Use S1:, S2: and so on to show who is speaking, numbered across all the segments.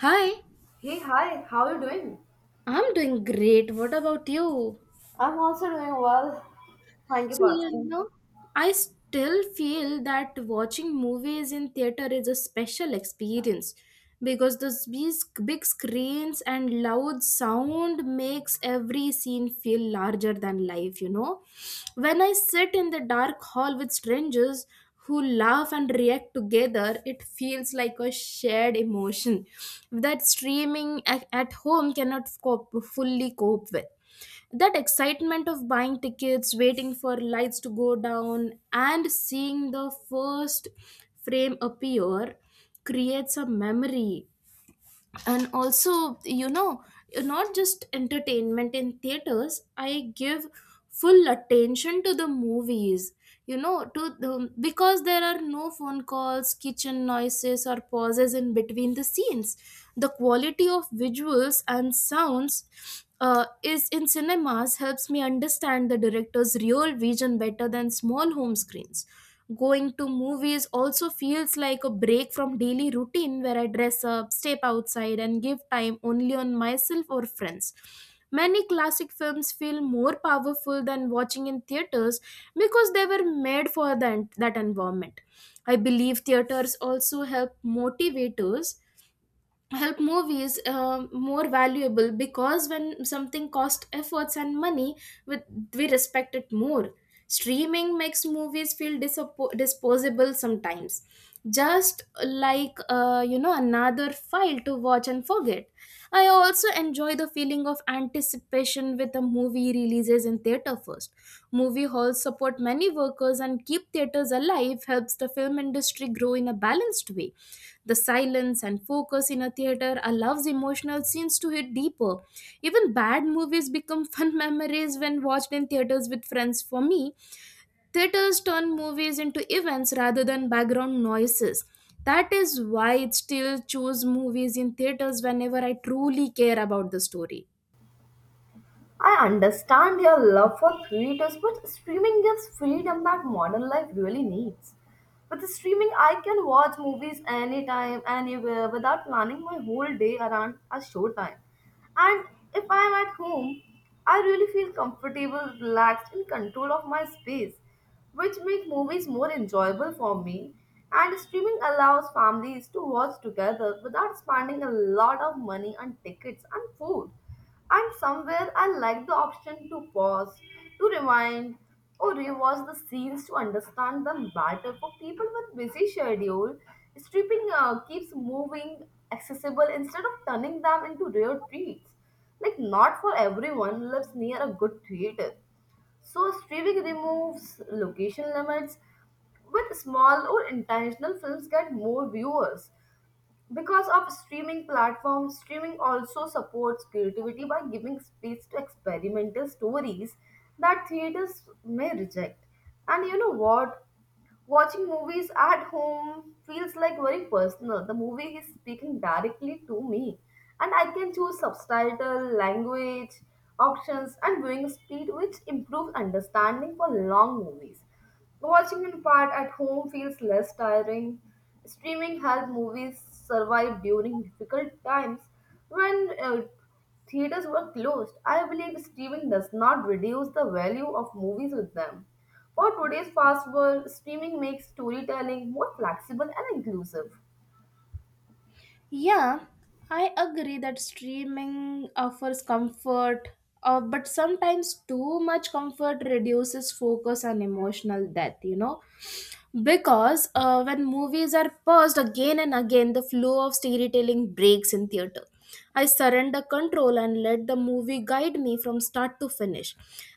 S1: Hi,
S2: Hey, hi, how are you doing?
S1: I'm doing great. What about you?
S2: I'm also doing well. Thank you
S1: So,
S2: for
S1: yeah, you
S2: asking.
S1: know, I still feel that watching movies in theater is a special experience because those big screens and loud sound makes every scene feel larger than life. When I sit in the dark hall with strangers who laugh and react together, it feels like a shared emotion that streaming at home cannot cope, fully cope with that excitement of buying tickets, waiting for lights to go down and seeing the first frame appear creates a memory, and also not just entertainment. In theaters I give full attention to the movies, because there are no phone calls, kitchen noises or pauses in between the scenes. The quality of visuals and sounds is in cinemas, helps me understand the director's real vision better than small home screens. Going to movies also feels like a break from daily routine where I dress up, step outside, and give time only on myself or friends. Many classic films feel more powerful than watching in theaters because they were made for that environment. I believe theaters also help movies more valuable, because when something costs efforts and money, we, we respect it more. Streaming makes movies feel disposable sometimes, just like another file to watch and forget. I also enjoy the feeling of anticipation with a movie releases in theater first. Movie halls support many workers and keep theaters alive, helps the film industry grow in a balanced way. The silence and focus in a theater allows emotional scenes to hit deeper. Even bad movies become fun memories when watched in theaters with friends. For me, theaters turn movies into events rather than background noises. That is why I still choose movies in theaters whenever I truly care about the story.
S2: I understand your love for creators, but streaming gives freedom that modern life really needs. With streaming, I can watch movies anytime, anywhere, without planning my whole day around a showtime. And if I'm at home, I really feel comfortable, relaxed, in control of my space, which make movies more enjoyable for me. And streaming allows families to watch together without spending a lot of money on tickets and food. And somewhere I like the option to pause, to rewind, or rewatch the scenes to understand them better. For people with busy schedule, stripping keeps moving accessible instead of turning them into rare treats. Like not for everyone lives near a good theater. So streaming removes location limits. With small or intentional films get more viewers. Because of streaming platforms, streaming also supports creativity by giving space to experimental stories that theaters may reject. And you know what? Watching movies at home feels like very personal. The movie is speaking directly to me, and I can choose subtitle, language, options, and viewing speed, which improves understanding for long movies. Watching in part at home feels less tiring. Streaming helps movies survive during difficult times when theaters were closed. I believe streaming does not reduce the value of movies with them. For today's fast world, streaming makes storytelling more flexible and inclusive.
S1: Yeah, I agree that streaming offers comfort, but sometimes too much comfort reduces focus on emotional depth, Because when movies are paused again and again, the flow of storytelling breaks. In theater I surrender control and let the movie guide me from start to finish,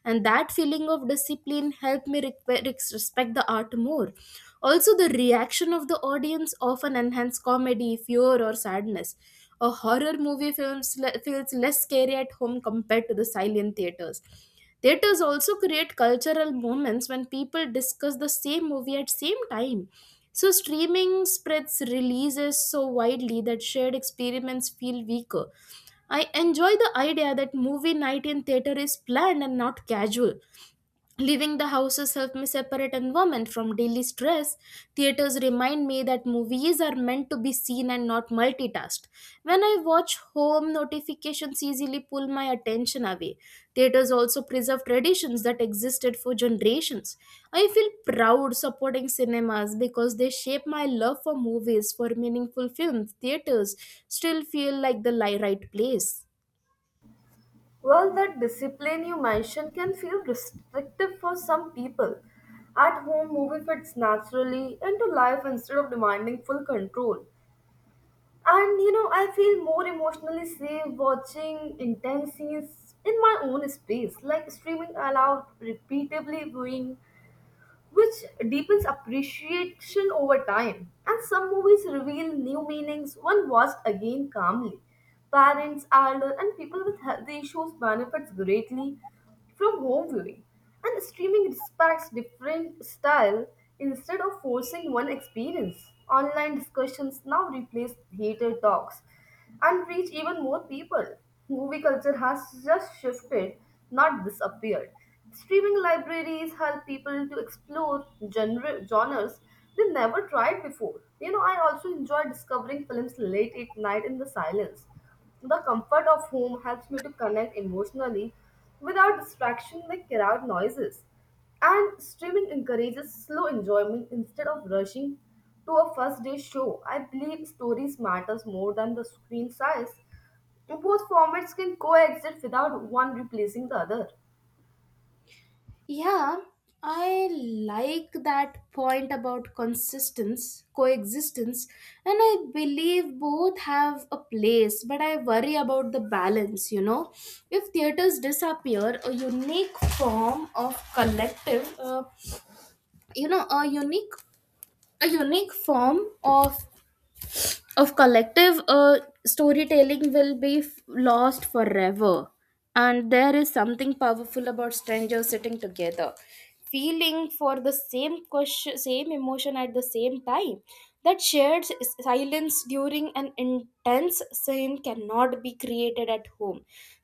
S1: and that feeling of discipline helped me respect the art more. Also the reaction of the audience often enhance comedy, fear or sadness. A horror movie feels less scary at home compared to the silent theaters. Theaters also create cultural moments when people discuss the same movie at same time. So streaming spreads releases so widely that shared experiments feel weaker. I enjoy the idea that movie night in theater is planned and not casual. Leaving the houses helped me separate environment from daily stress. Theaters remind me that movies are meant to be seen and not multitasked. When I watch home, notifications easily pull my attention away. Theaters also preserve traditions that existed for generations. I feel proud supporting cinemas because they shape my love for movies, for meaningful films. Theaters still feel like the right place.
S2: Well, that discipline you mentioned can feel restrictive for some people. At home, movie fits naturally into life instead of demanding full control. And you know, I feel more emotionally safe watching intense scenes in my own space. Like streaming allowed repeatedly viewing which deepens appreciation over time. And some movies reveal new meanings when watched again calmly. Parents, elder, and people with health issues benefits greatly from home viewing. And streaming respects different style instead of forcing one experience. Online discussions now replace theater talks, and reach even more people. Movie culture has just shifted, not disappeared. Streaming libraries help people to explore genres they never tried before. You know, I also enjoy discovering films late at night in the silence. The comfort of home helps me to connect emotionally without distraction like crowd noises. And streaming encourages slow enjoyment instead of rushing to a first day show. I believe stories matters more than the screen size. Both formats can coexist without one replacing the other.
S1: Yeah, I like that point about consistence, coexistence, and I believe both have a place, but I worry about the balance, If theaters disappear, a unique form of collective, you know, a unique form of collective storytelling will be lost forever. And there is something powerful about strangers sitting together feeling for the same question, same emotion at the same time. That shared silence during an intense scene cannot be created at home.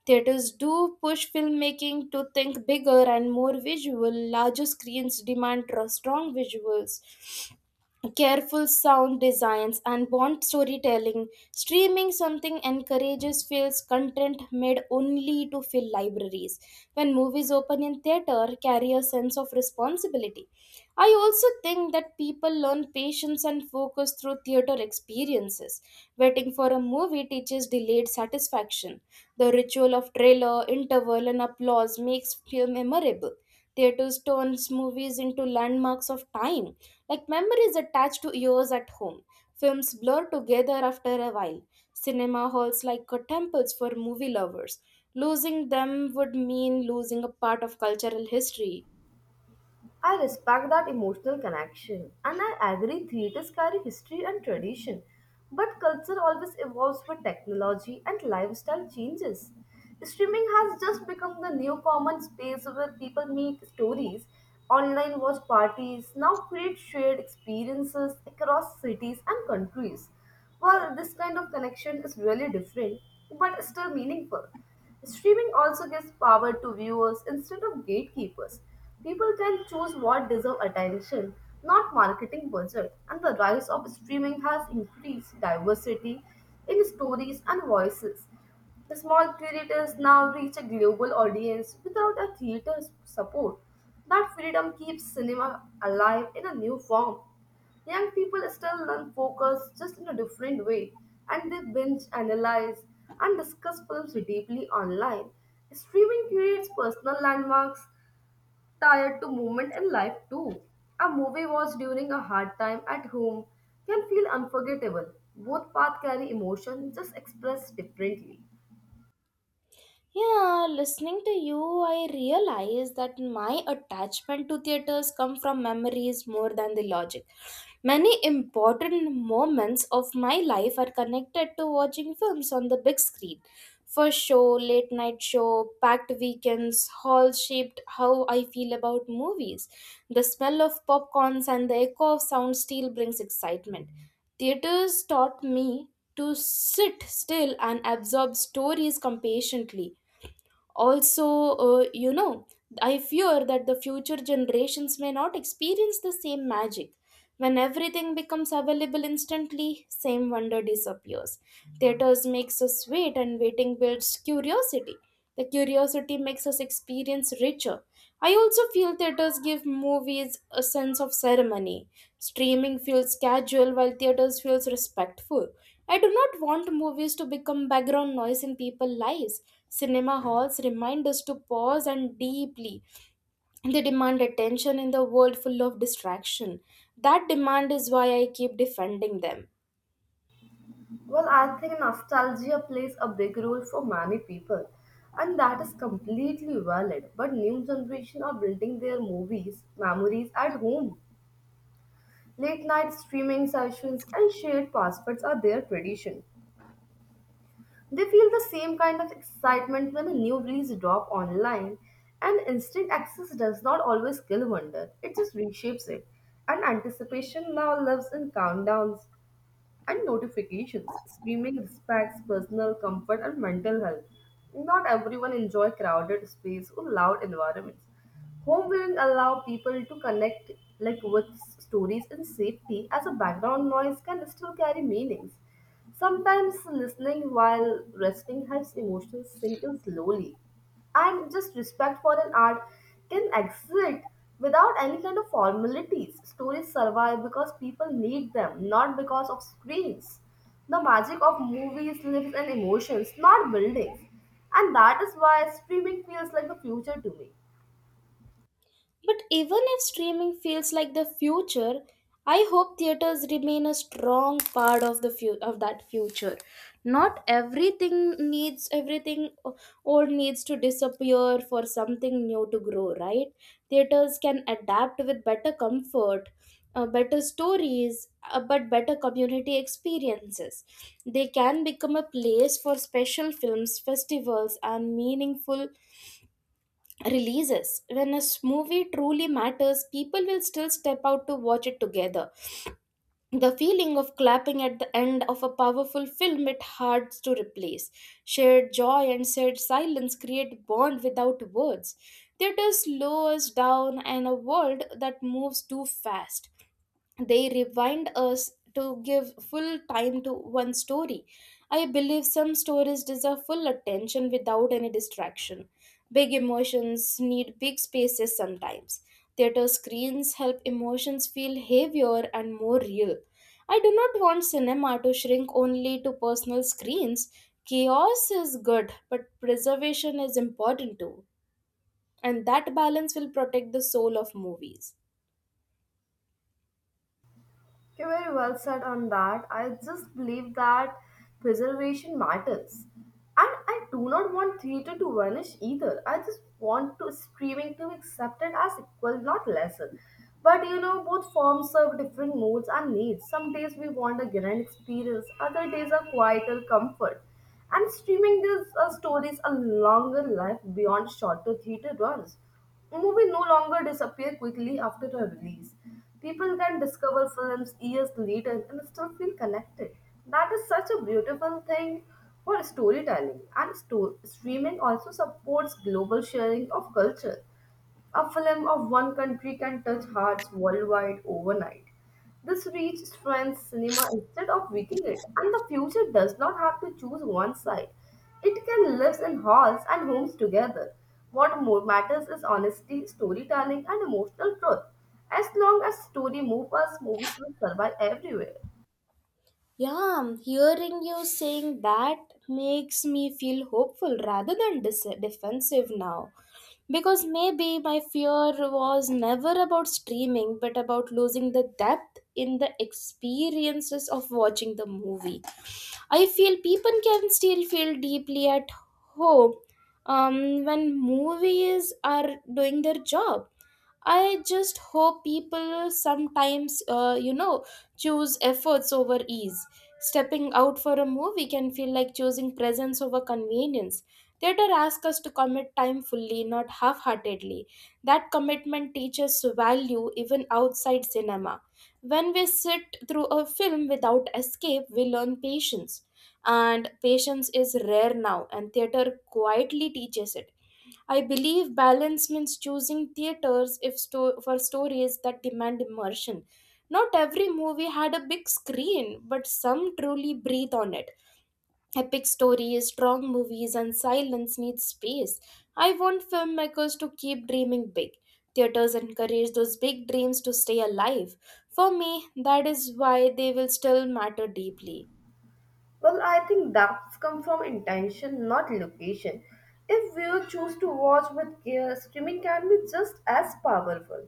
S1: Theaters do push filmmaking to think bigger and more visual. Larger screens demand strong visuals, careful sound designs and bond storytelling. Streaming something encourages feels content made only to fill libraries. When movies open in theater, carry a sense of responsibility. I also think that people learn patience and focus through theater experiences. Waiting for a movie teaches delayed satisfaction. The ritual of trailer, interval and applause makes film memorable. Theaters turns movies into landmarks of time, like memories attached to years at home. Films blur together after a while. Cinema halls like are temples for movie lovers. Losing them would mean losing a part of cultural history.
S2: I respect that emotional connection and I agree theaters carry history and tradition, but culture always evolves with technology and lifestyle changes. Streaming has just become the new common space where people meet stories, online watch parties, now create shared experiences across cities and countries. Well, this kind of connection is really different but still meaningful. Streaming also gives power to viewers instead of gatekeepers. People can choose what deserve attention, not marketing budget, and the rise of streaming has increased diversity in stories and voices. Small creators now reach a global audience without a theater's support. That freedom keeps cinema alive in a new form. Young people still learn focus just in a different way, and they binge, analyze, and discuss films deeply online. Streaming creates personal landmarks tied to movement in life too. A movie watched during a hard time at home can feel unforgettable. Both paths carry emotion, just expressed differently.
S1: Yeah, listening to you, I realize that my attachment to theaters come from memories more than the logic. Many important moments of my life are connected to watching films on the big screen. First show, late night show, packed weekends, hall shaped how I feel about movies. The smell of popcorns and the echo of sound still brings excitement. Theaters taught me to sit still and absorb stories compassionately. Also uh, you know I fear that the future generations may not experience the same magic. When everything becomes available instantly, same wonder disappears. Theaters makes us wait, and waiting builds curiosity. The curiosity makes us experience richer. I also feel theaters give movies a sense of ceremony. Streaming feels casual while theaters feels respectful. I do not want movies to become background noise in people's lives. Cinema halls remind us to pause and deeply they demand attention in the world full of distraction. That demand is why I keep defending them.
S2: Well, I think nostalgia plays a big role for many people, and that is completely valid. But new generation are building their movies memories at home. Late night streaming sessions and shared passwords are their tradition. They feel the same kind of excitement when a new release drop online, and instant access does not always kill wonder. It just reshapes it, and anticipation now lives in countdowns and notifications. Streaming respects personal comfort and mental health. Not everyone enjoy crowded space or loud environments. Home viewing allow people to connect like with stories in safety as a background noise can still carry meanings. Sometimes listening while resting helps emotions sink in slowly and just respect for an art can exist without any kind of formalities. Stories survive because people need them, not because of screens. The magic of movies lives in emotions, not buildings. And that is why streaming feels like the future to me.
S1: But even if streaming feels like the future, I hope theaters remain a strong part of of that future. Not everything needs everything o- old needs to disappear for something new to grow, right? Theaters can adapt with better comfort, better stories, but better community experiences. They can become a place for special films, festivals, and meaningful releases. When a movie truly matters, people will still step out to watch it together. The feeling of clapping at the end of a powerful film, it hard to replace. Shared joy and shared silence create bond without words. Theater slows us down in a world that moves too fast. They rewind us to give full time to one story. I believe some stories deserve full attention without any distraction. Big emotions need big spaces sometimes. Theater screens help emotions feel heavier and more real. I do not want cinema to shrink only to personal screens. Chaos is good, but preservation is important too. And that balance will protect the soul of movies.
S2: Okay, very well said on that. I just believe that preservation matters. And I do not want theatre to vanish either. I just want to streaming to be accepted as equal, not lesser. But you know, both forms serve different moods and needs. Some days we want a grand experience, other days a quieter comfort. And streaming gives stories a longer life beyond shorter theater runs. Movies no longer disappear quickly after a release. People can discover films years later and still feel connected. That is such a beautiful thing for storytelling. And streaming also supports global sharing of culture. A film of one country can touch hearts worldwide overnight. This reach strengthens cinema instead of weakening it, and the future does not have to choose one side. It can live in halls and homes together. What more matters is honesty, storytelling, and emotional truth. As long as story moves us, movies will survive everywhere.
S1: Yeah, hearing you saying that makes me feel hopeful rather than defensive now. Because maybe my fear was never about streaming, but about losing the depth in the experiences of watching the movie. I feel people can still feel deeply at home when movies are doing their job. I just hope people sometimes, choose efforts over ease. Stepping out for a movie can feel like choosing presence over convenience. Theater asks us to commit time fully, not half heartedly. That commitment teaches value even outside cinema. When we sit through a film without escape, we learn patience. And patience is rare now, and theater quietly teaches it. I believe balance means choosing theaters if sto- for stories that demand immersion. Not every movie had a big screen, but some truly breathe on it. Epic stories, strong movies, and silence need space. I want filmmakers to keep dreaming big. Theaters encourage those big dreams to stay alive. For me, that is why they will still matter deeply.
S2: Well, I think that's come from intention, not location. If viewers choose to watch with care, streaming can be just as powerful.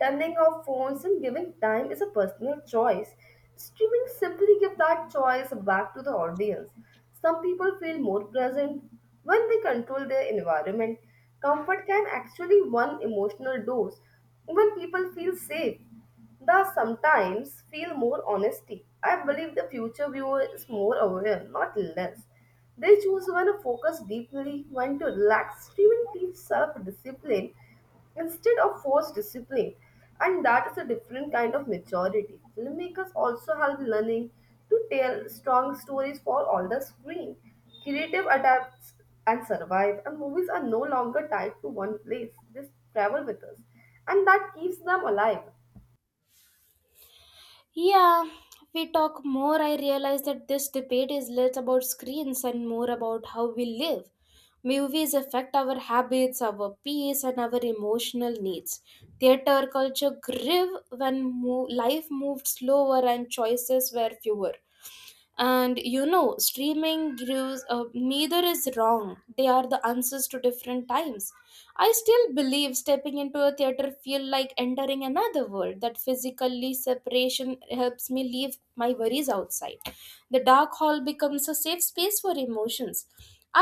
S2: Turning off phones and giving time is a personal choice. Streaming simply gives that choice back to the audience. Some people feel more present when they control their environment. Comfort can actually one emotional dose when people feel safe. The sometimes feel more honesty. I believe the future viewer is more aware, not less. They choose when to focus deeply, when to relax. Streaming teaches self discipline instead of forced discipline, and that is a different kind of maturity. Filmmakers also help learning to tell strong stories for all the screen. Creative adapts and survive, and movies are no longer tied to one place. They travel with us, and that keeps them alive.
S1: Yeah, we talk more, I realize that this debate is less about screens and more about how we live. Movies affect our habits, our peace, and our emotional needs. Theater culture grew when life moved slower and choices were fewer. And streaming gives, neither is wrong, they are the answers to different times. I still believe stepping into a theater feel like entering another world, that physically separation helps me leave my worries outside. The dark hall becomes a safe space for emotions.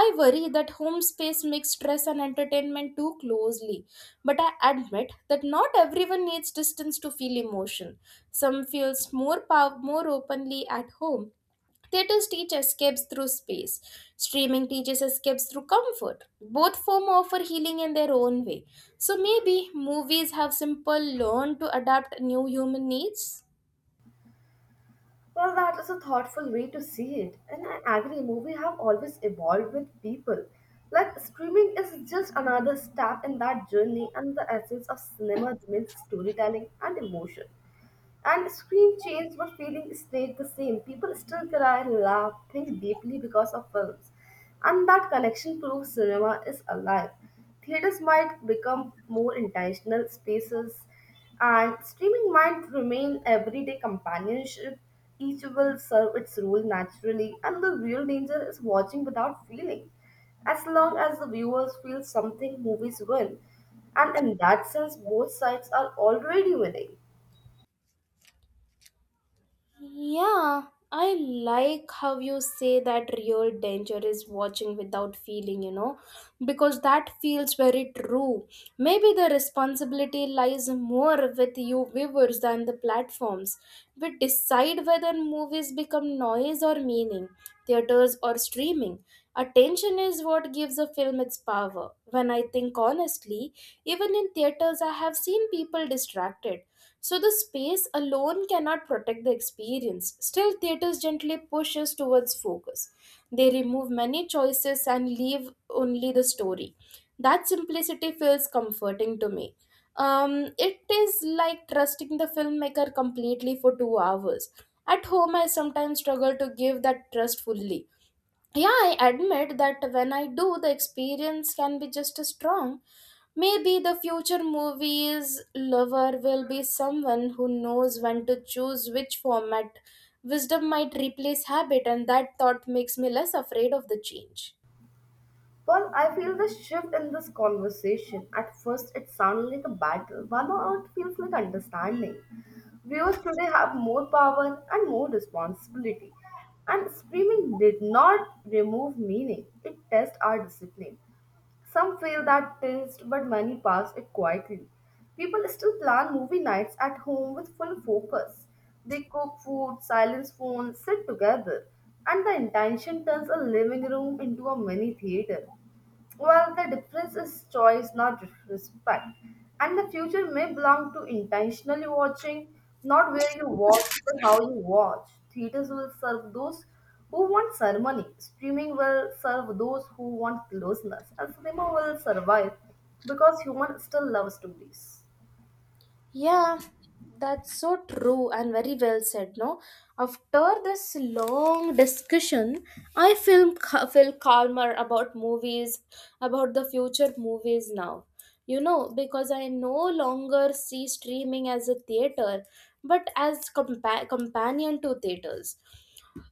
S1: I worry that home space makes stress and entertainment too closely, but I admit that not everyone needs distance to feel emotion. Some feels more more openly at home. Theaters teach escapes through space. Streaming teaches escapes through comfort. Both form offer healing in their own way. So maybe movies have simple learn to adapt new human needs.
S2: Well, that is a thoughtful way to see it, and I agree. Movies have always evolved with people. Like streaming is just another step in that journey, and the essence of cinema remains storytelling and emotion. And screen changed, but feeling stayed the same. People still cry, laugh, think deeply because of films. And that connection proves cinema is alive. Theaters might become more intentional spaces, and streaming might remain everyday companionship. Each will serve its role naturally, and the real danger is watching without feeling. As long as the viewers feel something, movies win. And in that sense, both sides are already winning.
S1: Yeah, I like how you say that real danger is watching without feeling, because that feels very true. Maybe the responsibility lies more with you viewers than the platforms. We decide whether movies become noise or meaning, theaters or streaming. Attention is what gives a film its power. When I think honestly, even in theaters, I have seen people distracted, so the space alone cannot protect the experience. Still, theaters gently pushes towards focus. They remove many choices and leave only the story. That simplicity feels comforting to me. It is like trusting the filmmaker completely for 2 hours. At home, I sometimes struggle to give that trust fully. Yeah, I admit that when I do, the experience can be just as strong. Maybe the future movies lover will be someone who knows when to choose which format. Wisdom might replace habit, and that thought makes me less afraid of the change.
S2: Well, I feel the shift in this conversation. At first, it sounded like a battle, but now it feels like understanding. Viewers today have more power and more responsibility, and streaming did not remove meaning, it tests our discipline. Some feel that taste, but many pass it quietly. People still plan movie nights at home with full focus. They cook food, silence phones, sit together, and the intention turns a living room into a mini theater. Well, the difference is choice, not respect. And the future may belong to intentionally watching, not where you watch, but how you watch. Theaters will serve those who want ceremony? Streaming will serve those who want closeness, and cinema will survive because humans still love stories.
S1: Yeah, that's so true and very well said. No, after this long discussion, I feel calmer about movies, about the future movies now. You know, because I no longer see streaming as a theater, but as companion to theaters,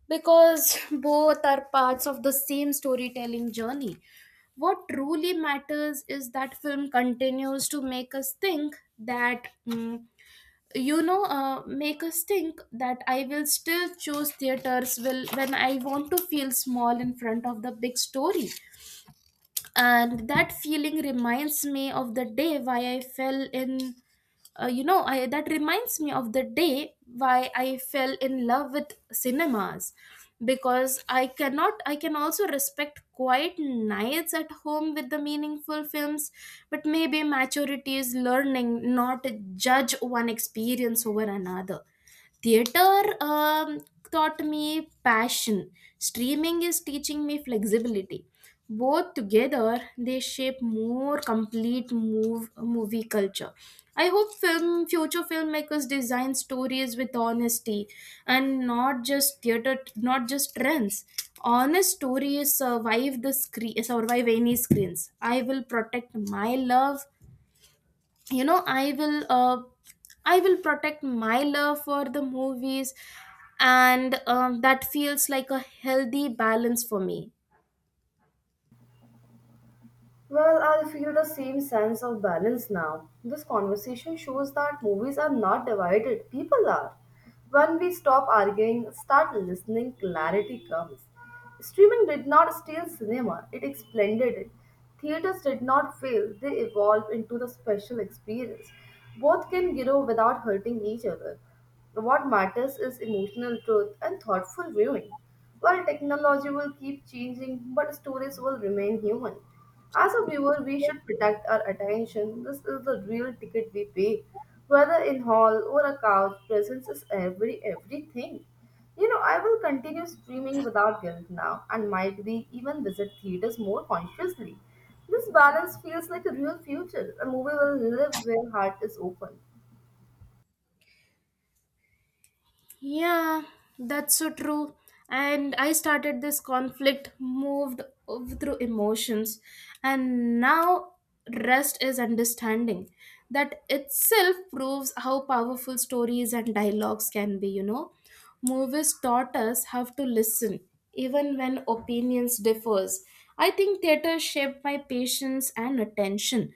S1: because both are parts of the same storytelling journey. What truly matters is that film continues to make us think that mm, you know make us think that I will still choose theaters will when I want to feel small in front of the big story. And that feeling reminds me of the day why I fell in you know I, that reminds me of the day why I fell in love with cinemas, because I cannot I can also respect quiet nights at home with the meaningful films. But maybe maturity is learning not to judge one experience over another. Theater taught me passion. Streaming is teaching me flexibility. Both together, they shape more complete movie culture. I hope film future filmmakers design stories with honesty and not just theater, not just trends. Honest stories survive the screen, survive any screens. I will protect my love you know I will I will protect my love for the movies, and that feels like a healthy balance for me.
S2: Well, I feel the same sense of balance now. This conversation shows that movies are not divided, people are. When we stop arguing, start listening, clarity comes. Streaming did not steal cinema, it expanded it. Theaters did not fail, they evolved into the special experience. Both can grow without hurting each other. What matters is emotional truth and thoughtful viewing. While technology will keep changing, but stories will remain human. As a viewer, we should protect our attention. This is the real ticket we pay. Whether in hall or a couch, presence is everything. You know, I will continue streaming without guilt now and might be even visit theaters more consciously. This balance feels like a real future. A movie will live where heart is open.
S1: Yeah, that's so true. And I started this conflict, moved through emotions, and now rest is understanding. That itself proves how powerful stories and dialogues can be, you know. Movies taught us how to listen, even when opinions differs. I think theater shaped my patience and attention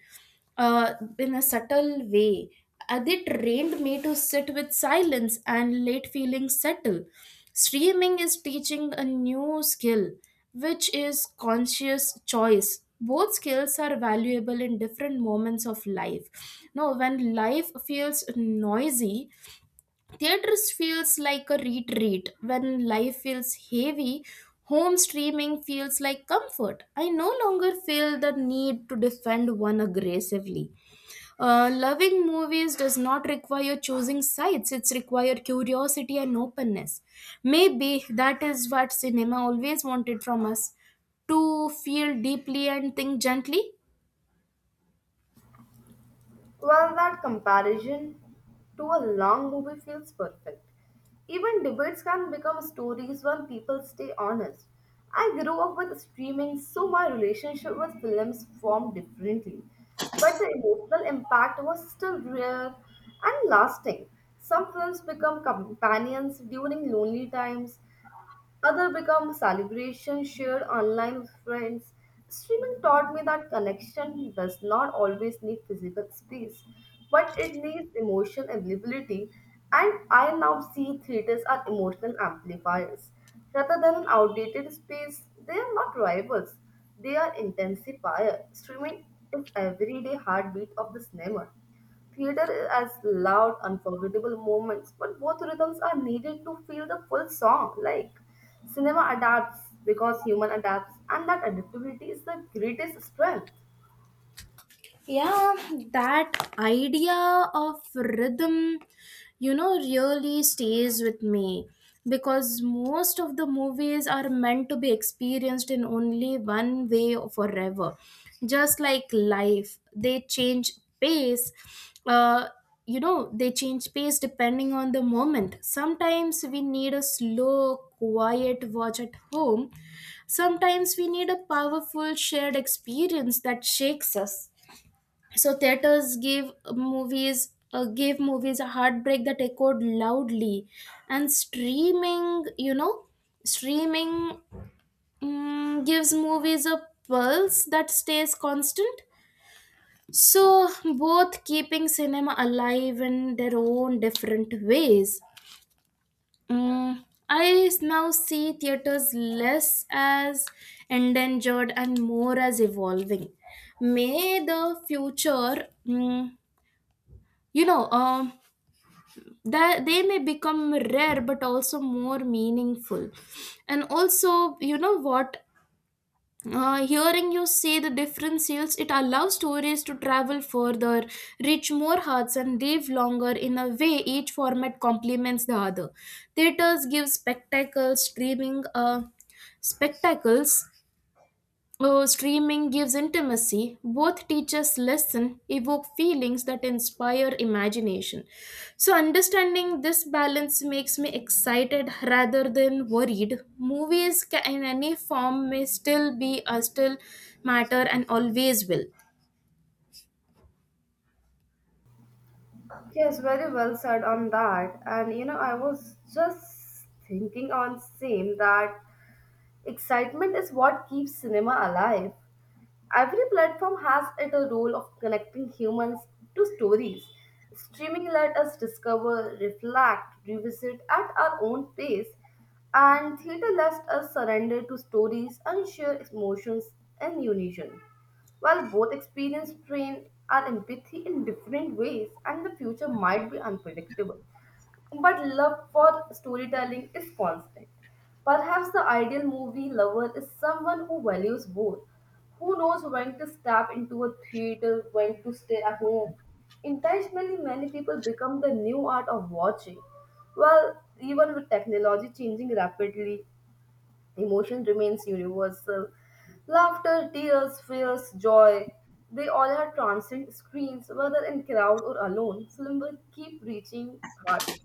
S1: in a subtle way. They trained me to sit with silence and let feelings settle. Streaming is teaching a new skill, which is conscious choice. Both skills are valuable in different moments of life. Now, when life feels noisy, theaters feels like a retreat when life feels heavy. Home streaming feels like comfort. I no longer feel the need to defend one aggressively. Loving movies does not require choosing sides, it's require curiosity and openness. Maybe that is what cinema always wanted from us, to feel deeply and think gently.
S2: Well, that comparison to a long movie feels perfect. Even debates can become stories when people stay honest. I grew up with streaming, so my relationship with films formed differently. But the emotional impact was still real and lasting. Some films become companions during lonely times, other become celebrations shared online with friends. Streaming taught me that connection does not always need physical space, but it needs emotion availability. And I now see theaters are emotional amplifiers. Rather than an outdated space, they are not rivals, they are intensifier. Streaming is everyday heartbeat of the cinema. Theater has loud, unforgettable moments, but both rhythms are needed to feel the full song. Like cinema adapts because human adapts, and that adaptability is the greatest strength.
S1: Yeah, that idea of rhythm, you know, really stays with me, because most of the movies are meant to be experienced in only one way forever. Just like life, they change pace. uh, they change pace depending on the moment. Sometimes we need a slow quiet watch at home, sometimes we need a powerful shared experience that shakes us. So theaters give movies gave movies a heartbreak that echoed loudly, and streaming you know streaming gives movies a pulse that stays constant. So both keeping cinema alive in their own different ways. Mm, I now see theaters less as endangered and more as evolving. May the future you know um that they may become rare but also more meaningful. And also, you know what, hearing you say the different sales, it allows stories to travel further, reach more hearts and live longer. In a way, each format complements the other. Theaters give spectacles, streaming spectacles Oh, streaming gives intimacy. Both teachers listen, evoke feelings that inspire imagination. So, understanding this balance makes me excited rather than worried. Movies in any form may still be still matter, and always will.
S2: Yes, very well said on that. I was just thinking on same that excitement is what keeps cinema alive. Every platform has it a role of connecting humans to stories. Streaming let us discover, reflect, revisit at our own pace, and theater lets us surrender to stories and share emotions in unison. While both experience train our empathy in different ways, and the future might be unpredictable. But love for storytelling is constant. Perhaps the ideal movie lover is someone who values both, who knows when to step into a theater, when to stay at home. Intentionally, many people become the new art of watching. Well, even with technology changing rapidly, emotion remains universal. Laughter, tears, fears, joy, they all are transient screens, whether in crowd or alone. Film will keep reaching hearts.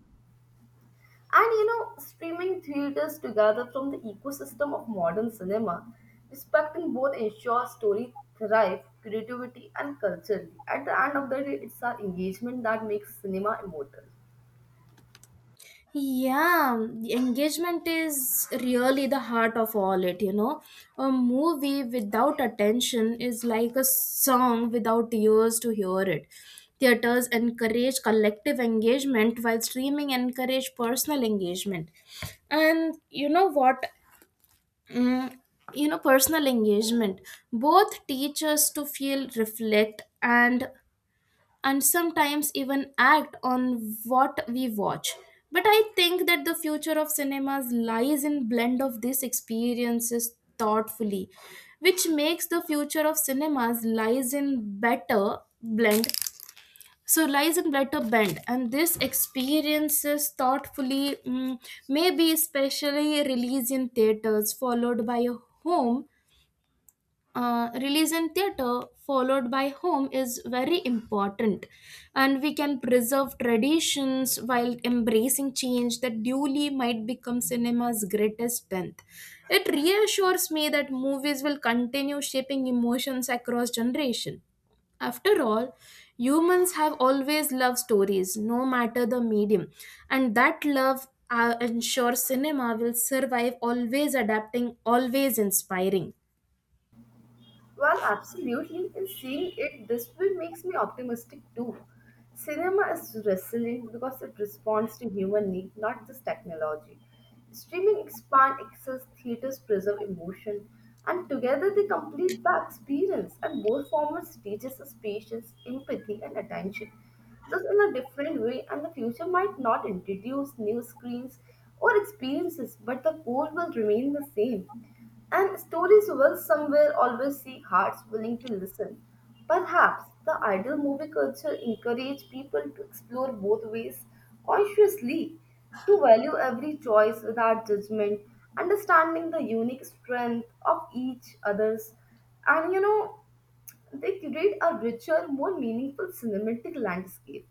S2: Streaming theaters together from the ecosystem of modern cinema, respecting both ensures story thrive, creativity, and culturally. At the end of the day, it's our engagement that makes cinema immortal.
S1: Yeah, the engagement is really the heart of all it, you know. A movie without attention is like a song without ears to hear it. Theaters encourage collective engagement while streaming encourage personal engagement. And you know what? Mm, personal engagement, both teach us to feel, reflect, and sometimes even act on what we watch. But I think that the future of cinemas lies in blend of these experiences thoughtfully, which makes the future of cinemas lies in better blend. So lies in better bend. And this experiences thoughtfully, may be especially released in theaters, followed by a home release in theater followed by home is very important, and we can preserve traditions while embracing change that duly might become cinema's greatest strength. It reassures me that movies will continue shaping emotions across generation. After all, humans have always loved stories, no matter the medium, and that love ensures cinema will survive, always adapting, always inspiring.
S2: Well, absolutely, and seeing it this way makes me optimistic too. Cinema is resilient because it responds to human need, not just technology. Streaming expand access, theaters preserve emotion, and together they complete the experience. And both formats teaches us patience, empathy, and attention just in a different way, and the future might not introduce new screens or experiences, but the core will remain the same. And stories will somewhere always seek hearts willing to listen. Perhaps the ideal movie culture encourages people to explore both ways consciously, to value every choice without judgment, understanding the unique strength of each other's, and they create a richer, more meaningful cinematic landscape.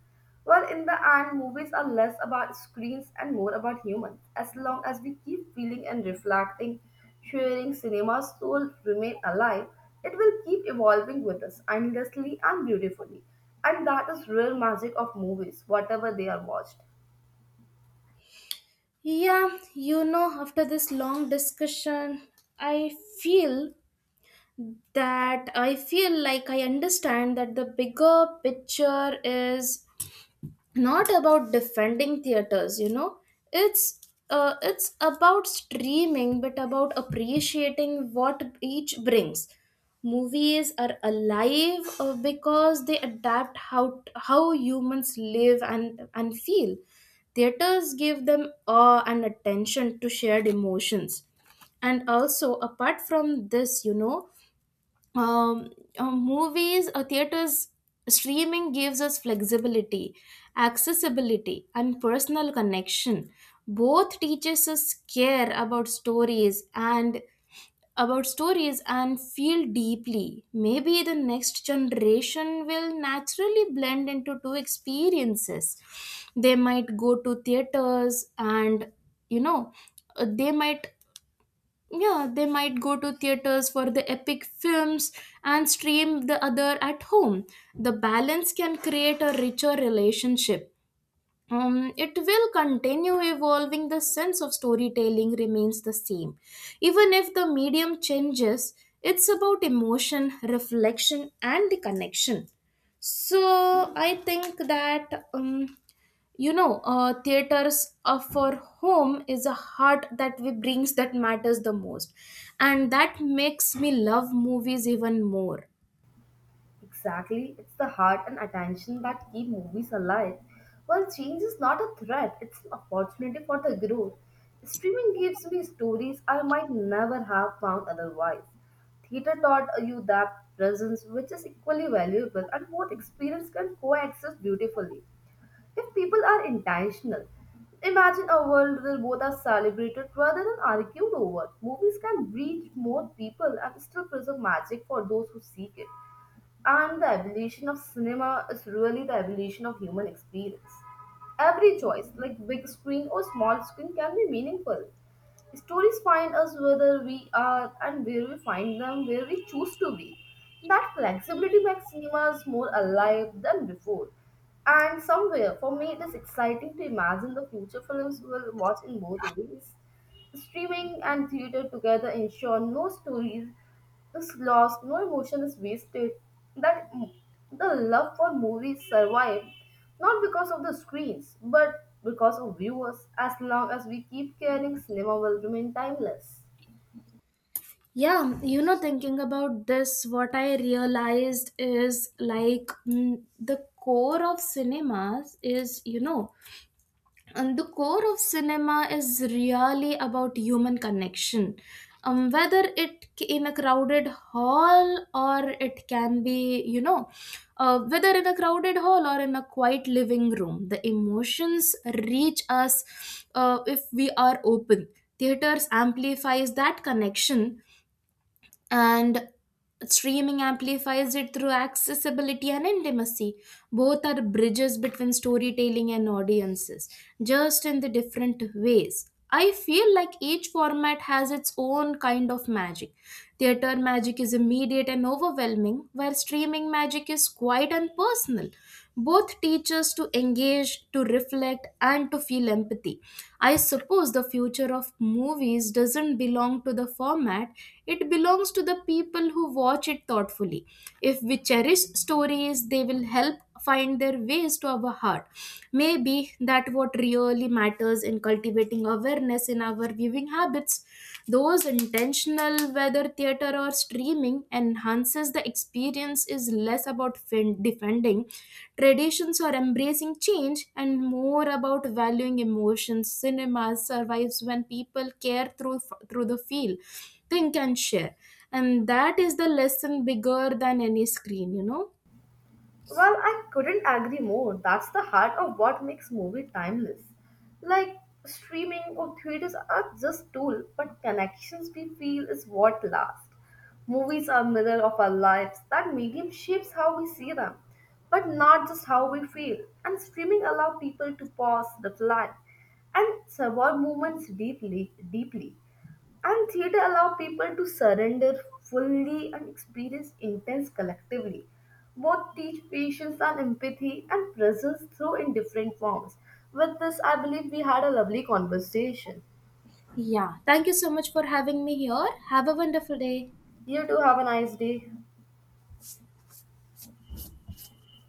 S2: While in the end, movies are less about screens and more about humans. As long as we keep feeling and reflecting, sharing cinema's soul remain alive, it will keep evolving with us endlessly and beautifully. And that is real magic of movies, whatever they are watched.
S1: Yeah, you know, after this long discussion, I feel that I feel like I understand that the bigger picture is not about defending theaters, you know, it's it's about streaming but about appreciating what each brings. Movies are alive because they adapt how humans live and feel. Theaters give them awe and attention to shared emotions. And also apart from this, you know, um, movies or theaters streaming gives us flexibility, accessibility and personal connection. Both teaches us care about stories and feel deeply. Maybe the next generation will naturally blend into two experiences. They might go to theaters, and you know uh, they might yeah they might go to theaters for the epic films and stream the other at home. The balance can create a richer relationship. It will continue evolving. The sense of storytelling remains the same. Even if the medium changes, it's about emotion, reflection, and the connection. So I think that, theaters for home is a heart that we brings that matters the most. And that makes me love movies even more.
S2: Exactly, it's the heart and attention that keep movies alive. While change is not a threat, it's an opportunity for the growth. Streaming gives me stories I might never have found otherwise. Theater taught you that presence, which is equally valuable, and both experience can coexist beautifully. If people are intentional, imagine a world where both are celebrated rather than argued over. Movies can reach more people and still preserve magic for those who seek it. And the evolution of cinema is really the evolution of human experience. Every choice, like big screen or small screen, can be meaningful. Stories find us whether we are and where we find them, where we choose to be. That flexibility makes cinemas more alive than before. And somewhere, for me, it is exciting to imagine the future films we will watch in both ways. Streaming and theater together ensure no stories is lost, no emotion is wasted, that m- the love for movies survive not because of the screens, but because of viewers. As long as we keep caring, cinema will remain timeless.
S1: Yeah, you know, thinking about this, what I realized is like, mm, the core of cinemas is, you know, and the core of cinema is really about human connection. Whether it c- in a crowded hall or it can be, you know, whether in a crowded hall or in a quiet living room, the emotions reach us if we are open. Theaters amplifies that connection, and streaming amplifies it through accessibility and intimacy. Both are bridges between storytelling and audiences, just in the different ways. I feel like each format has its own kind of magic. Theater magic is immediate and overwhelming while streaming magic is quiet and personal. Both teach us to engage, to reflect, and to feel empathy. I suppose the future of movies doesn't belong to the format, it belongs to the people who watch it thoughtfully. If we cherish stories, they will help find their ways to our heart. Maybe that what really matters in cultivating awareness in our viewing habits, those intentional whether theater or streaming enhances the experience is less about defending traditions or embracing change and more about valuing emotions. Cinema survives when people care through the feel, think and share. And that is the lesson bigger than any screen, you know.
S2: Well, I couldn't agree more. That's the heart of what makes movie timeless. Like streaming or theaters are just tool, but connections we feel is what lasts. Movies are mirror of our lives. That medium shapes how we see them, but not just how we feel. And streaming allow people to pause, reflect, and survive moments deeply, deeply. And theater allow people to surrender fully and experience intense collectively. Both teach patience and empathy and presence through in different forms. With this, I believe we had a lovely conversation.
S1: Yeah, thank you so much for having me here. Have a wonderful day.
S2: You too have a nice day.